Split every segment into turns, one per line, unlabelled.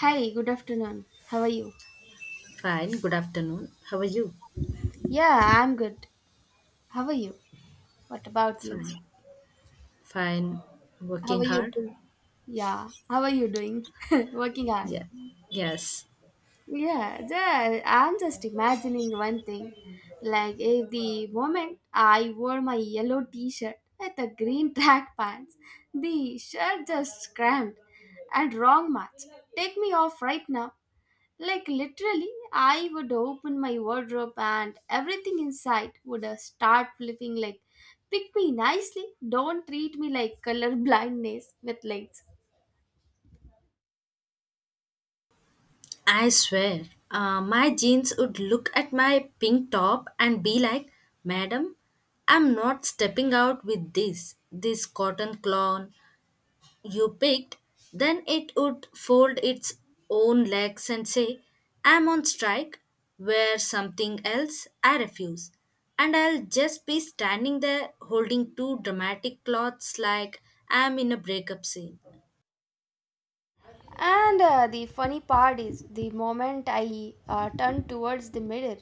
Hi, good afternoon. How are you?
Fine. Good afternoon. How are you?
Yeah, I'm good. How are you? What about you?
Fine. Fine.
How
Working
are you
hard?
doing? Yeah, how are you doing? Working hard.
Yeah. Yes.
I'm just imagining one thing. Like, if the moment I wore my yellow t shirt with the green track pants, the shirt just cramped and wrong match. Take me off right now. Like literally, I would open my wardrobe and everything inside would start flipping like pick me nicely, don't treat me like color blindness with lights.
I swear, my jeans would look at my pink top and be like, Madam, I'm not stepping out with this cotton clown. You picked, then it would fold its own legs and say, I'm on strike, wear something else, I refuse. And I'll just be standing there holding two dramatic cloths like I'm in a breakup scene.
And The funny part is the moment I turn towards the mirror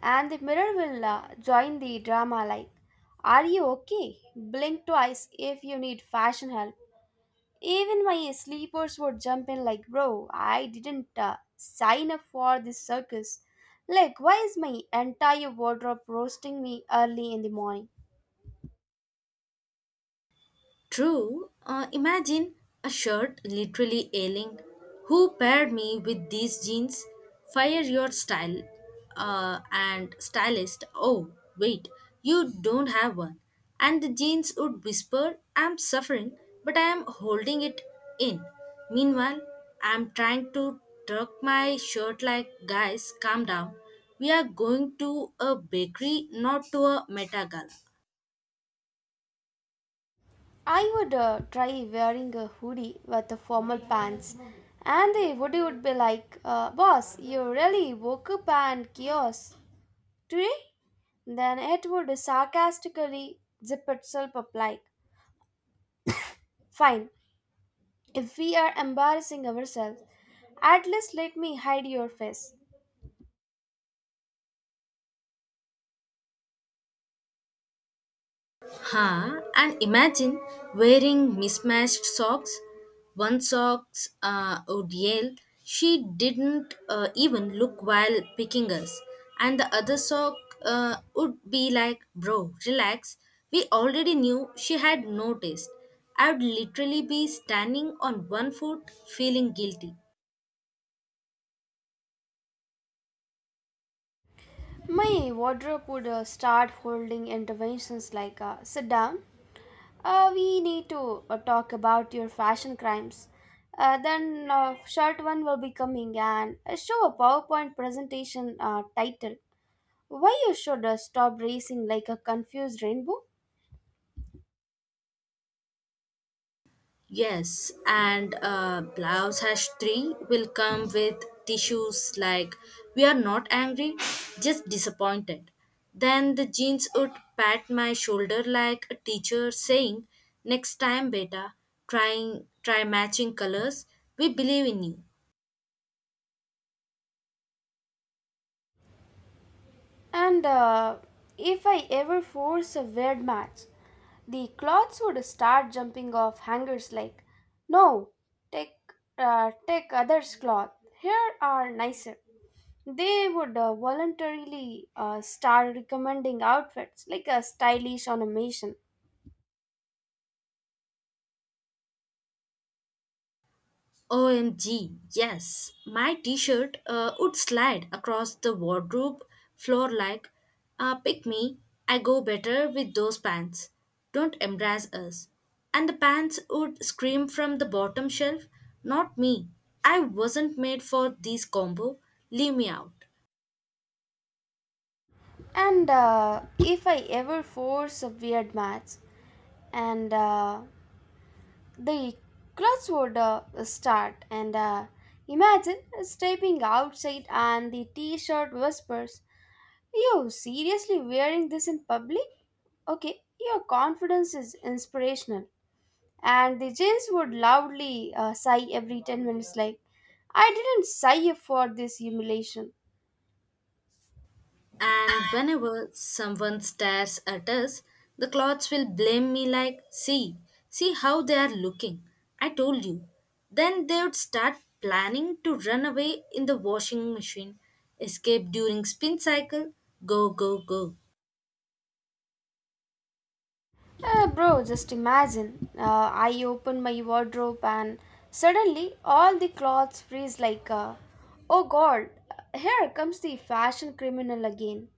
and the mirror will join the drama like are you okay? Blink twice if you need fashion help. Even my sleepers would jump in like, bro, I didn't sign up for this circus. Like, why is my entire wardrobe roasting me early in the morning?
True. Imagine a shirt literally ailing. Who paired me with these jeans? Fire your style and stylist. Oh, wait, you don't have one. And the jeans would whisper, I'm suffering, but I am holding it in. Meanwhile, I'm trying to tuck my shirt like, guys, calm down. We are going to a bakery, not to a meta gala.
I would try wearing a hoodie with the formal pants, and the hoodie would be like, boss, you really woke up and chaos today? Then it would sarcastically zip itself up like, fine, if we are embarrassing ourselves, at least let me hide your face.
Ha, and imagine wearing mismatched socks. One socks would yell, She didn't even look while picking us. And the other sock would be like, Bro, relax. We already knew she had noticed. I would literally be standing on one foot feeling guilty.
My wardrobe would start holding interventions like sit down, we need to talk about your fashion crimes. Then short one will be coming and show a PowerPoint presentation title. Why you should stop racing like a confused rainbow?
Yes, and blouse hash 3 will come with tissues like we are not angry, just disappointed. Then the jeans would pat my shoulder like a teacher saying, Next time, beta, trying try matching colors. We believe in you.
And If I ever force a weird match, the clothes would start jumping off hangers like, no, take, take others' cloth. Here are nicer. They would voluntarily start recommending outfits like a stylish animation.
OMG, yes. My t shirt would slide across the wardrobe floor like, pick me, I go better with those pants. Don't embarrass us. And the pants would scream from the bottom shelf, not me. I wasn't made for this combo. Leave me out.
And if I ever force a weird match, and The clouds would start, and Imagine stepping outside, and the t shirt whispers, you seriously wearing this in public? Okay, your confidence is inspirational. And the jeans would loudly sigh every 10 minutes, like, I didn't sigh for this humiliation.
And whenever someone stares at us, the clothes will blame me like, see, see how they are looking. I told you. Then they would start planning to run away in the washing machine, escape during spin cycle, go, go, go.
Bro, just imagine. I open my wardrobe and suddenly all the clothes freeze like, oh god, here comes the fashion criminal again.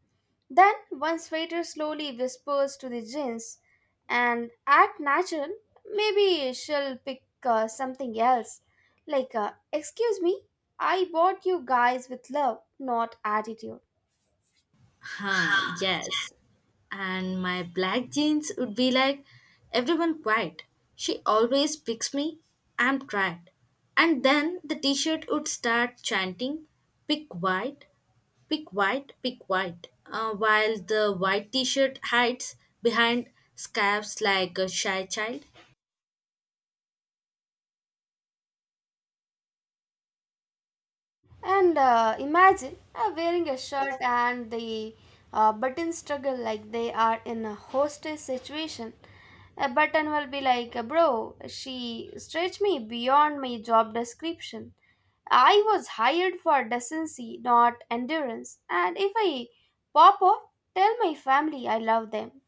Then one sweater slowly whispers to the jeans and act natural. Maybe she'll pick something else. Like, excuse me, I bought you guys with love, not attitude.
Huh, yes. And my black jeans would be like, everyone quiet. She always picks me. I'm tired. And then the t shirt would start chanting, pick white, pick white, pick white, while the white t shirt hides behind scarves like a shy child.
And imagine wearing a shirt and the buttons struggle like they are in a hostage situation. A button will be like, bro, she stretched me beyond my job description. I was hired for decency, not endurance. And if I pop off, tell my family I love them.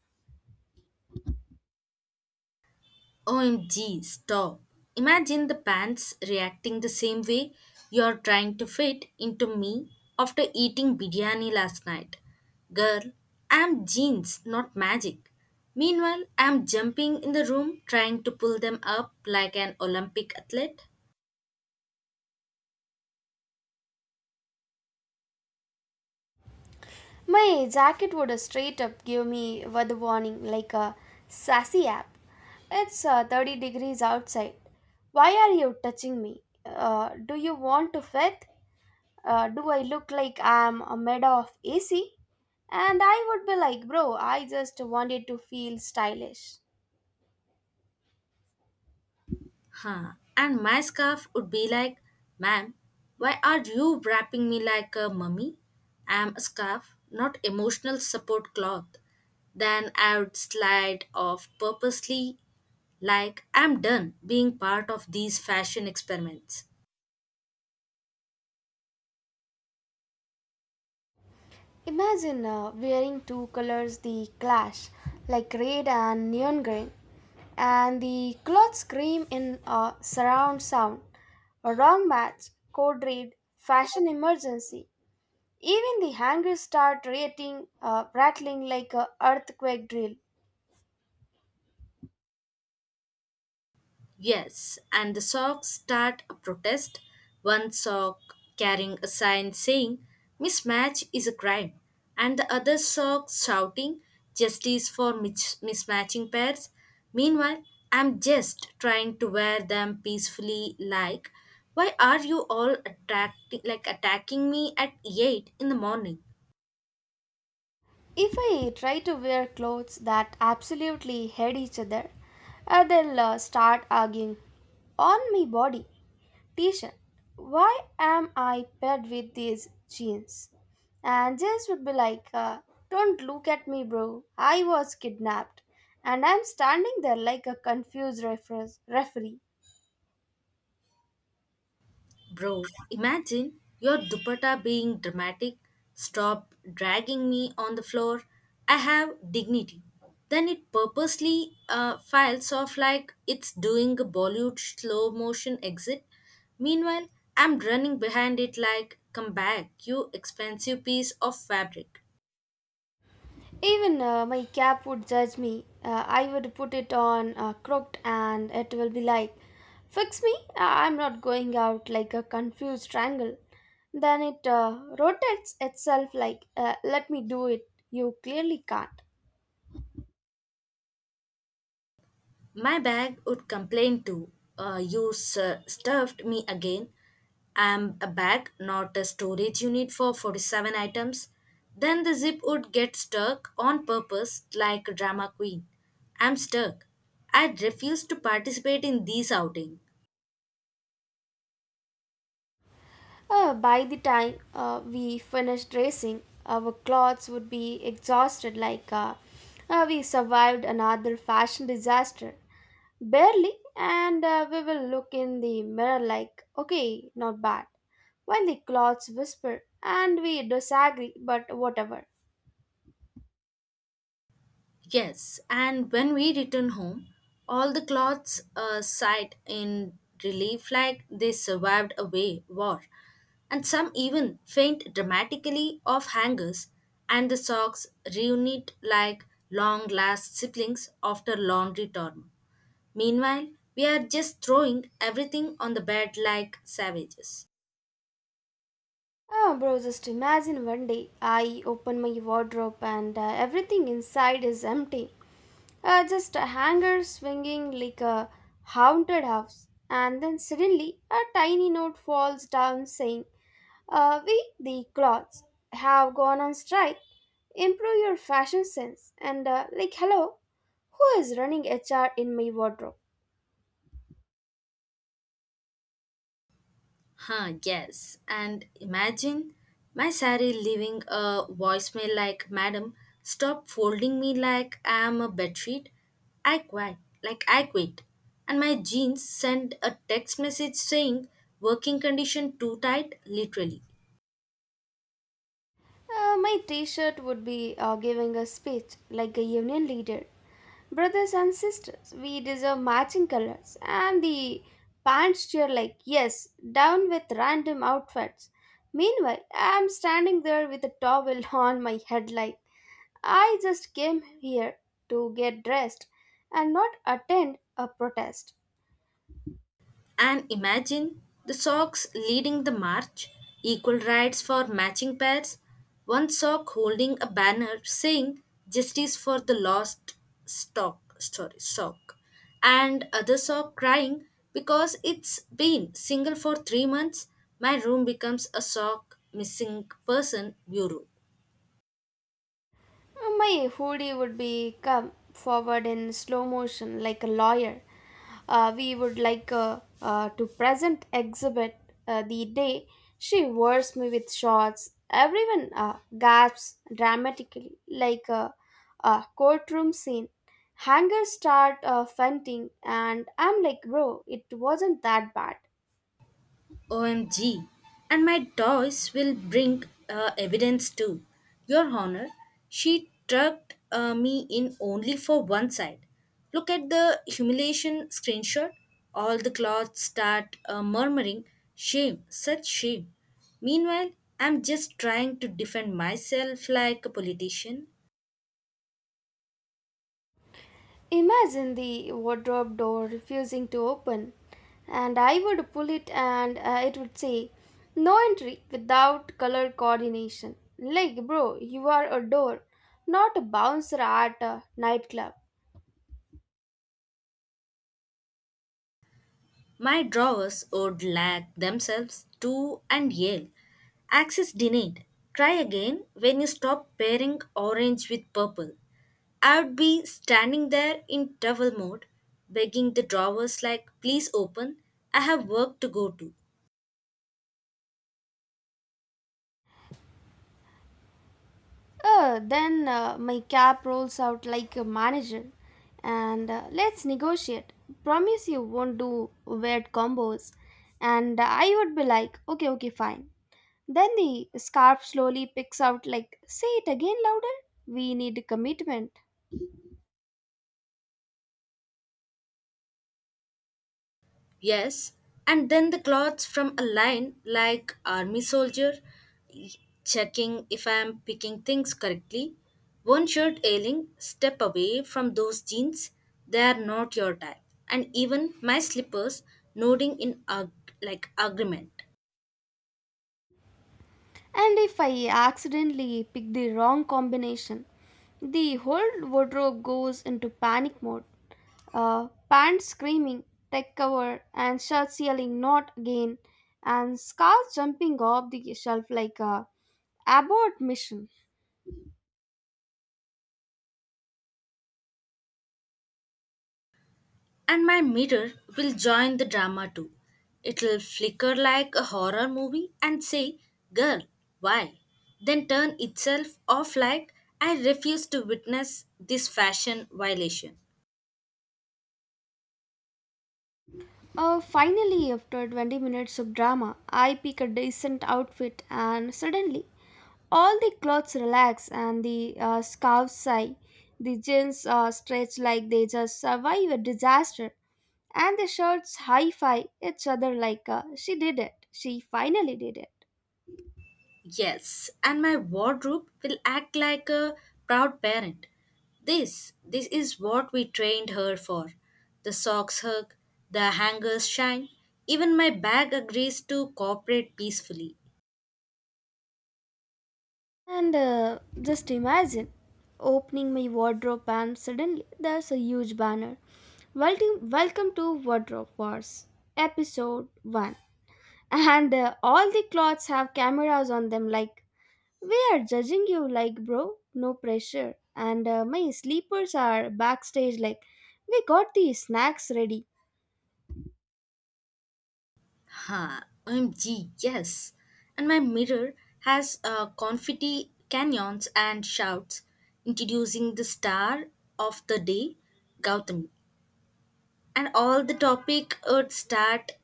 OMG, stop. Imagine the pants reacting the same way you're trying to fit into me after eating biryani last night. Girl, I'm jeans, not magic. Meanwhile, I'm jumping in the room trying to pull them up like an Olympic athlete.
My jacket would straight up give me weather warning like a sassy app. It's 30 degrees outside. Why are you touching me? Do you want to fit? Do I look like I'm a made of AC? And I would be like, bro, I just wanted to feel stylish.
Huh. And my scarf would be like, Ma'am, why are you wrapping me like a mummy? I'm a scarf, not emotional support cloth. Then I would slide off purposely, like I'm done being part of these fashion experiments.
Imagine wearing two colors the clash, like red and neon green, and the clothes scream in a surround sound. A wrong match, code red, fashion emergency. Even the hangers start rattling like a earthquake drill.
Yes, and the socks start a protest. One sock carrying a sign saying mismatch is a crime, and the other sock shouting justice for mismatching pairs. Meanwhile, I'm just trying to wear them peacefully. Like, why are you all attracting, like attacking me at 8 in the morning?
If I try to wear clothes that absolutely hate each other, they'll start arguing on my body. T-shirt, why am I paired with these jeans? And Jess would be like, don't look at me, bro. I was kidnapped. And I'm standing there like a confused referee.
Bro, imagine your dupatta being dramatic. Stop dragging me on the floor. I have dignity. Then it purposely files off like it's doing a Bollywood slow motion exit. Meanwhile, I'm running behind it like, come back, you expensive piece of fabric.
Even my cap would judge me. I would put it on crooked and it will be like, fix me, I'm not going out like a confused triangle. Then it rotates itself like, let me do it, you clearly can't.
My bag would complain too. You sir, stuffed me again. I'm a bag, not a storage unit for 47 items. Then the zip would get stuck on purpose like a drama queen. I'm stuck. I refuse to participate in these outing.
By the time we finished racing, our clothes would be exhausted like we survived another fashion disaster. Barely, and we will look in the mirror like, okay, not bad. While the clothes whisper and we disagree, but whatever.
Yes, and when we return home, all the clothes sighed in relief like they survived a way war, and some even faint dramatically off hangers, and the socks reunite like long lost siblings after laundry term. Meanwhile, we are just throwing everything on the bed like savages.
Oh, bro, just imagine one day I open my wardrobe and everything inside is empty. Just a hanger swinging like a haunted house. And then suddenly a tiny note falls down saying, we, the clothes, have gone on strike. Improve your fashion sense. And, like, hello, who is running HR in my wardrobe?
Huh, yes. And imagine my Sari leaving a voicemail like, Madam, stop folding me like I am a bedsheet. I quit. Like I quit. And my jeans sent a text message saying, working condition too tight, literally.
My t shirt would be giving a speech like a union leader. Brothers and sisters, we deserve matching colors. And the pants cheer like, yes, down with random outfits. Meanwhile, I'm standing there with a towel on my head like, I just came here to get dressed and not attend a protest.
And imagine the socks leading the march, equal rights for matching pairs, one sock holding a banner saying justice for the lost stock sorry sock and other sock crying because it's been single for 3 months. My room becomes a sock missing person bureau.
My hoodie would be come forward in slow motion like a lawyer. We would like to present exhibit the day she wears me with shorts. Everyone gasps dramatically like a courtroom scene. Hangers start fainting, and I'm like, bro, it wasn't that bad.
OMG. And my toys will bring evidence too. Your Honor, she trucked me in only for one side. Look at the humiliation screenshot. All the cloths start murmuring, Shame, such shame. Meanwhile, I'm just trying to defend myself like a politician.
Imagine the wardrobe door refusing to open, and I would pull it and it would say, no entry without color coordination. Like, bro, you are a door, not a bouncer at a nightclub.
My drawers would lag themselves too and yell, Access denied. Try again when you stop pairing orange with purple. I would be standing there in towel mode, begging the drawers like, please open, I have work to go to.
Then my cap rolls out like a manager and let's negotiate. Promise you won't do weird combos. And I would be like, okay, okay, fine. Then the scarf slowly picks out, like, say it again louder. We need commitment.
Yes, and then the clothes from a line like army soldier, checking if I am picking things correctly. One shirt ailing, step away from those jeans, they are not your type. And even my slippers nodding in like agreement.
And if I accidentally pick the wrong combination, the whole wardrobe goes into panic mode. Pants screaming, tech cover, and shirts yelling, not again, and scarves jumping off the shelf like a abort mission.
And my mirror will join the drama too. It'll flicker like a horror movie and say, Girl, why? Then turn itself off like, I refuse to witness this fashion violation.
Finally, after 20 minutes of drama, I pick a decent outfit, and suddenly, all the clothes relax and the scarves sigh. The jeans stretch like they just survive a disaster, and the shirts high five each other like she did it. She finally did it.
Yes, and my wardrobe will act like a proud parent. This is what we trained her for. The socks hug, the hangers shine, even my bag agrees to cooperate peacefully.
And Just imagine opening my wardrobe, and suddenly there's a huge banner. Welcome, welcome to Wardrobe Wars, episode 1. And all the clothes have cameras on them, like, we are judging you, like, bro, no pressure. And my sleepers are backstage, like, we got the snacks ready.
Ha, OMG, yes. And my mirror has confetti canyons and shouts introducing the star of the day, Gautami. And all the topic would start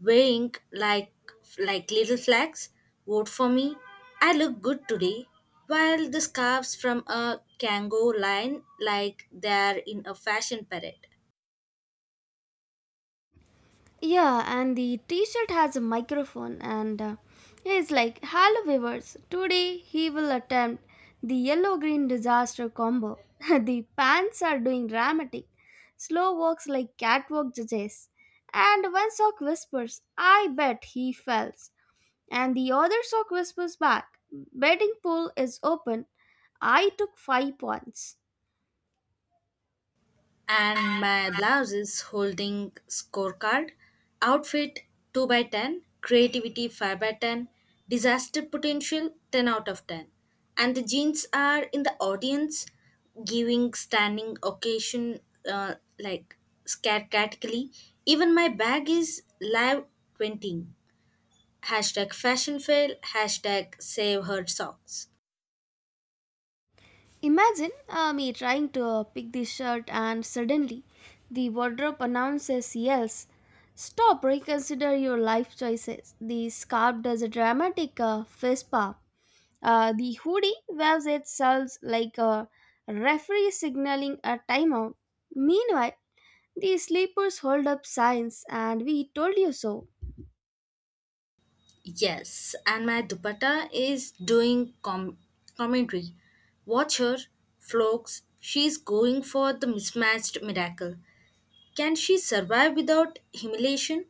weighing like little flags. Vote for me. I look good today. While the scarves from a Kango line like they're in a fashion parade.
Yeah, and the t shirt has a microphone, and it's like, hello, viewers, today he will attempt the yellow green disaster combo. The pants are doing dramatic, slow walks like catwalk judges. And one sock whispers, I bet he fell. And the other sock whispers back, betting pool is open. I took 5 points.
And my blouse is holding scorecard outfit 2 by 10, creativity 5 by 10, disaster potential 10 out of 10. And the jeans are in the audience giving standing occasion like scat category. Even my bag is live 20, hashtag fashion fail, hashtag save her socks.
Imagine me trying to pick this shirt, and suddenly the wardrobe announces yells. Stop, reconsider your life choices. The scarf does a dramatic fist pump. The hoodie waves itself like a referee signaling a timeout. Meanwhile, the sleepers hold up signs, and we told you so.
Yes, and my dupatta is doing commentary. Watch her, Flokes. She's going for the mismatched miracle. Can she survive without humiliation?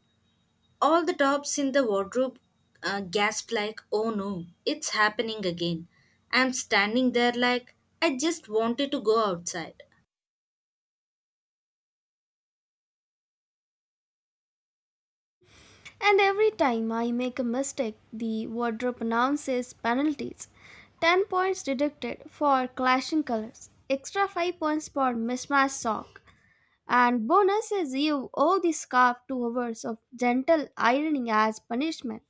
All the tops in the wardrobe gasp like, oh no, it's happening again. I'm standing there like, I just wanted to go outside.
And every time I make a mistake, the wardrobe announces penalties 10 points deducted for clashing colors, extra 5 points for mismatched sock, and bonus is you owe the scarf 2 hours of gentle ironing as punishment.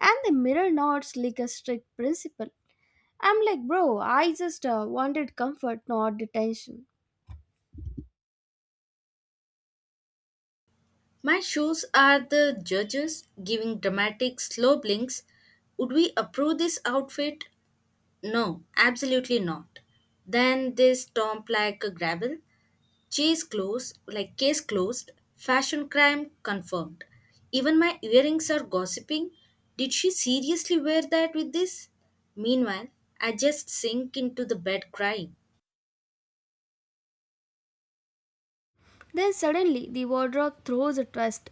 And the mirror nods like a strict principle. I'm like, bro, I just wanted comfort, not detention.
My shoes are the judges giving dramatic slow blinks. Would we approve this outfit? No, absolutely not. Then this stomp like a gravel. Cheese closed, like case closed. Fashion crime confirmed. Even my earrings are gossiping. Did she seriously wear that with this? Meanwhile, I just sink into the bed crying.
Then suddenly the wardrobe throws a twist.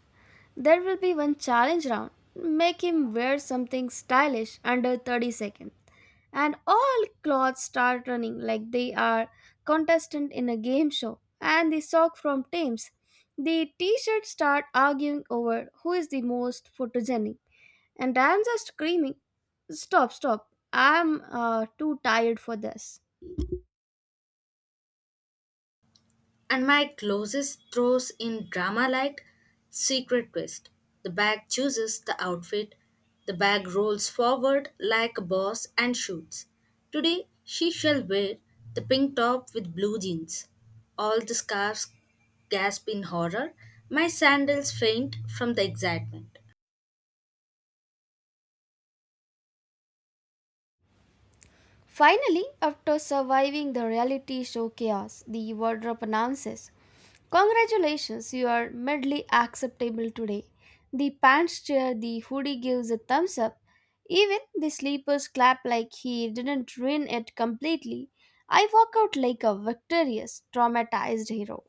There will be one challenge round. Make him wear something stylish under 30 seconds. And all clothes start running like they are contestant in a game show. And the sock from Thames. The t-shirts start arguing over who is the most photogenic. And I'm just screaming, stop, stop. I'm too tired for this.
And my closest throws in drama like Secret Twist. The bag chooses the outfit, the bag rolls forward like a boss and shoots. Today she shall wear the pink top with blue jeans. All the scarves gasp in horror, my sandals faint from the excitement.
Finally, after surviving the reality show chaos, the wardrobe announces, congratulations, you are medley acceptable today. The pants cheer, the hoodie gives a thumbs up. Even the sleepers clap like he didn't ruin it completely. I walk out like a victorious, traumatized hero.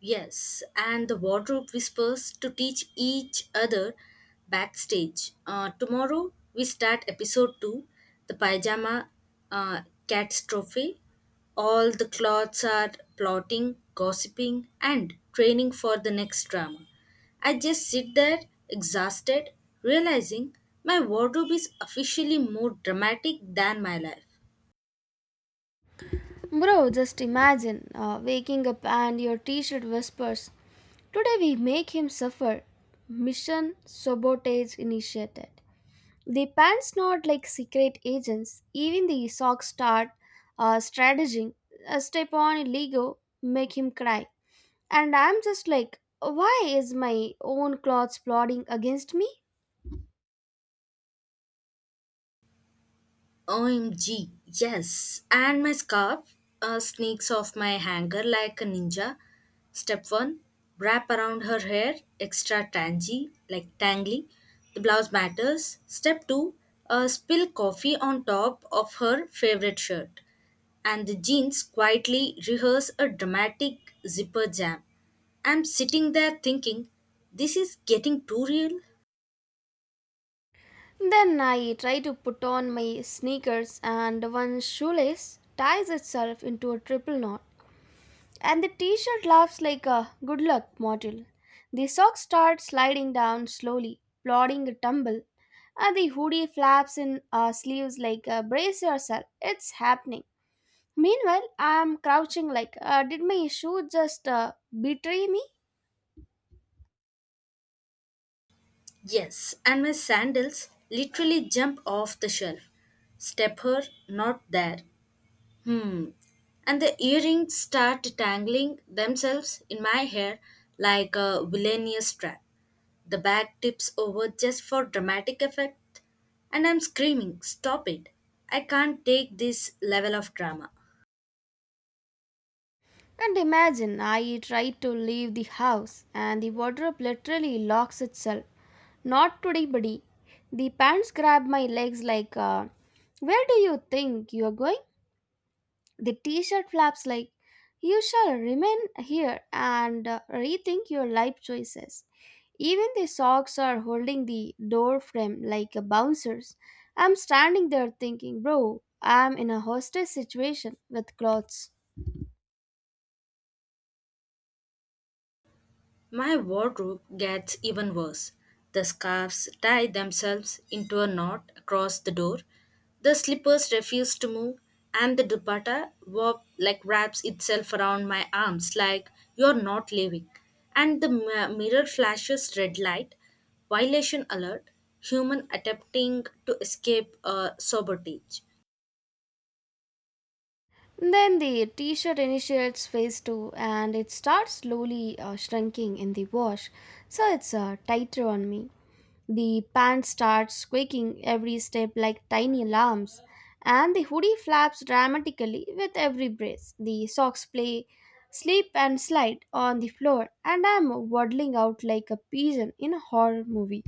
Yes, and the wardrobe whispers to teach each other backstage. Tomorrow we start episode 2, the pajama uh, catastrophe. All the cloths are plotting, gossiping, and training for the next drama. I just sit there exhausted, realizing my wardrobe is officially more dramatic than my life.
Bro, just imagine waking up and your t shirt whispers, today we make him suffer. Mission Sabotage initiated. The pants not like secret agents. Even the socks start strategizing. A step on Lego make him cry. And I'm just like, why is my own clothes plotting against me?
OMG, yes. And my scarf sneaks off my hanger like a ninja. Step one, wrap around her hair, extra tangy, like tangly. The blouse matters. Step two, spill coffee on top of her favorite shirt. And the jeans quietly rehearse a dramatic zipper jam. I'm sitting there thinking, this is getting too real.
Then I try to put on my sneakers, and one shoelace ties itself into a triple knot. And the t shirt laughs like a good luck mortal. The socks start sliding down slowly, plodding a tumble, and the hoodie flaps in our sleeves like brace yourself, it's happening. Meanwhile, I am crouching like, did my shoe just betray me?
Yes, and my sandals literally jump off the shelf. Step her, not there. Hmm. And the earrings start tangling themselves in my hair like a villainous trap. The bag tips over just for dramatic effect, and I'm screaming, Stop it! I can't take this level of drama.
And imagine I try to leave the house and the wardrobe literally locks itself. Not today, buddy. The pants grab my legs like, where do you think you are going? The t shirt flaps like, you shall remain here and rethink your life choices. Even the socks are holding the door frame like a bouncers. I'm standing there thinking, bro, I'm in a hostage situation with clothes.
My wardrobe gets even worse. The scarves tie themselves into a knot across the door, the slippers refuse to move, and the dupatta warp, like wraps itself around my arms like you're not leaving. And the mirror flashes red light, violation alert, human attempting to escape a sabotage.
Then the t shirt initiates phase two and it starts slowly shrinking in the wash, so it's tighter on me. The pants start squeaking every step like tiny alarms, and the hoodie flaps dramatically with every breath. The socks play, slip and slide on the floor, and I'm waddling out like a pigeon in a horror movie.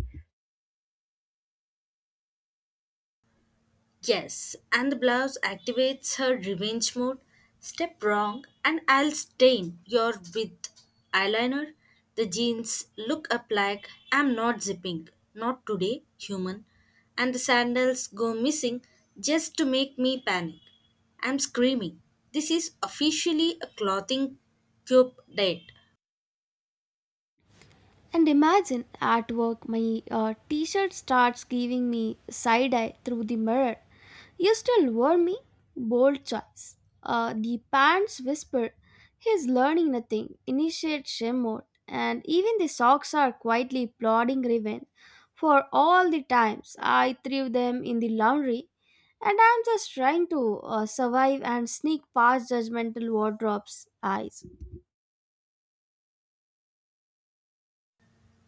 Yes, and the blouse activates her revenge mode. Step wrong, and I'll stain your with eyeliner. The jeans look up like I'm not zipping, not today, human. And the sandals go missing just to make me panic. I'm screaming. This is officially a clothing cube date.
And imagine at work, my t shirt starts giving me side eye through the mirror. You still wore me? Bold choice. The pants whisper, he's learning nothing, initiate shame mode. And even the socks are quietly plotting revenge for all the times I threw them in the laundry. And I'm just trying to survive and sneak past judgmental wardrobe's eyes.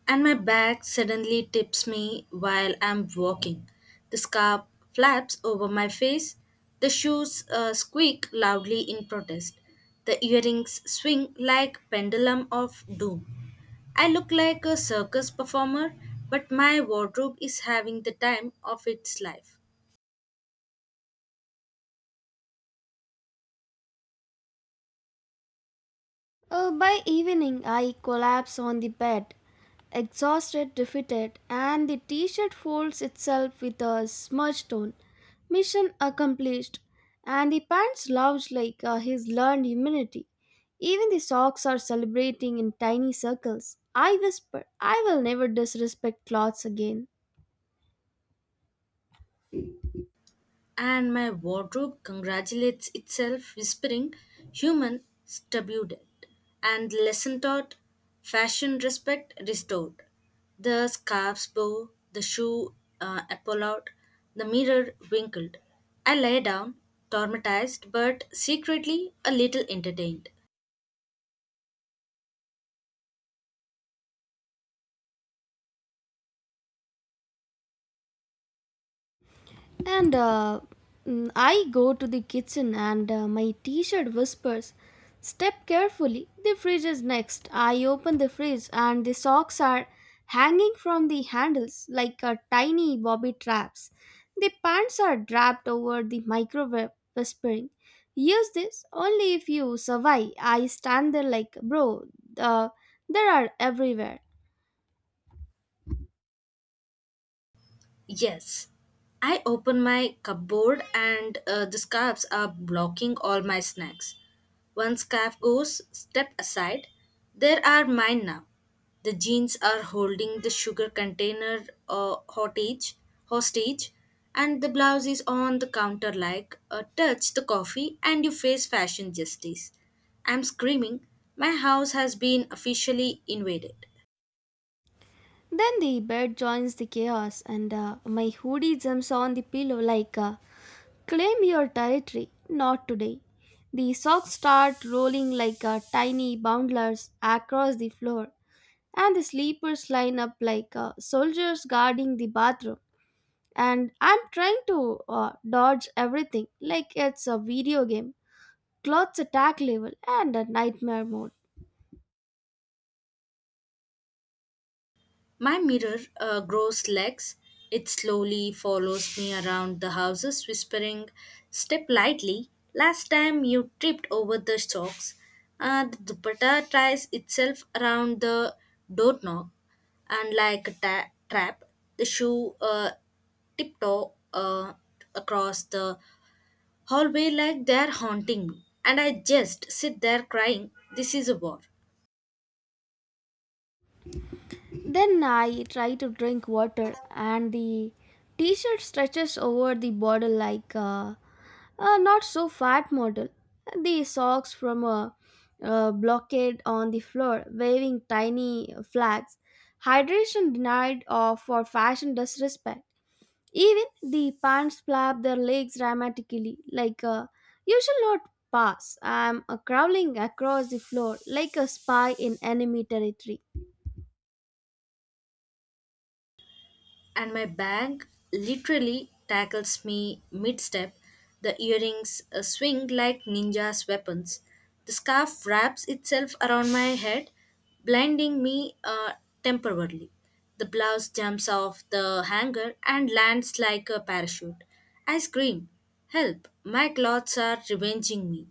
And my back suddenly tips me while I'm walking. The scarf flaps over my face, the shoes squeak loudly in protest, the earrings swing like pendulum of doom. I look like a circus performer, but my wardrobe is having the time of its life.
By evening, I collapse on the bed, exhausted, defeated, and the t shirt folds itself with a smudge tone. Mission accomplished, and the pants slouch like he's learned humility. Even the socks are celebrating in tiny circles. I whisper, I will never disrespect clothes again.
And my wardrobe congratulates itself, whispering, Human stupid. And lesson taught, fashion respect restored. The scarf's bow, the shoe apple out, the mirror winkled. I lay down, traumatized, but secretly a little entertained.
And uh, I go to the kitchen and my t shirt whispers, step carefully, the fridge is next. I open the fridge and the socks are hanging from the handles like a tiny bobby traps. The pants are draped over the microwave, whispering, use this only if you survive. I stand there like, bro, uh, there are everywhere.
Yes. I open my cupboard and the scarves are blocking all my snacks. One scarf goes, step aside. There are mine now. The jeans are holding the sugar container hostage, and the blouse is on the counter like touch the coffee and you face fashion justice. I'm screaming. My house has been officially invaded.
Then the bed joins the chaos, and my hoodie jumps on the pillow like, claim your territory, not today. The socks start rolling like tiny bundlers across the floor, and the sleepers line up like soldiers guarding the bathroom. And I'm trying to dodge everything like it's a video game. Clothes attack level and a nightmare mode.
My mirror grows legs. It slowly follows me around the houses, whispering, Step lightly. Last time you tripped over the socks. The dupatta ties itself around the doorknob, and like a trap, the shoe tiptoe across the hallway like they're haunting me. And I just sit there crying, This is a war.
Then I try to drink water, and the t shirt stretches over the bottle like a not so fat model. The socks from a blockade on the floor, waving tiny flags. Hydration denied or for fashion disrespect. Even the pants flap their legs dramatically, like a, you shall not pass. I'm crawling across the floor like a spy in enemy territory.
And my bank literally tackles me mid step. The earrings swing like ninja's weapons. The scarf wraps itself around my head, blinding me temporarily. The blouse jumps off the hanger and lands like a parachute. I scream, Help! My clothes are revenging me.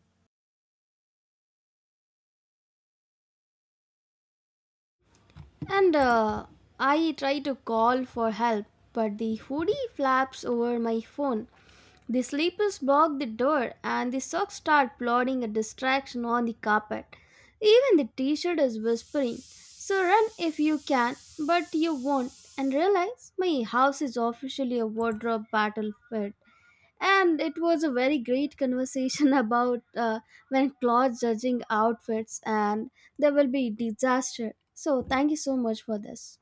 And I try to call for help, but the hoodie flaps over my phone. The sleepers block the door, and the socks start plodding a distraction on the carpet. Even the t shirt is whispering, so run if you can, but you won't. And realize my house is officially a wardrobe battlefield and it was a very great conversation about when clothes judging outfits and there will be disaster so thank you so much for this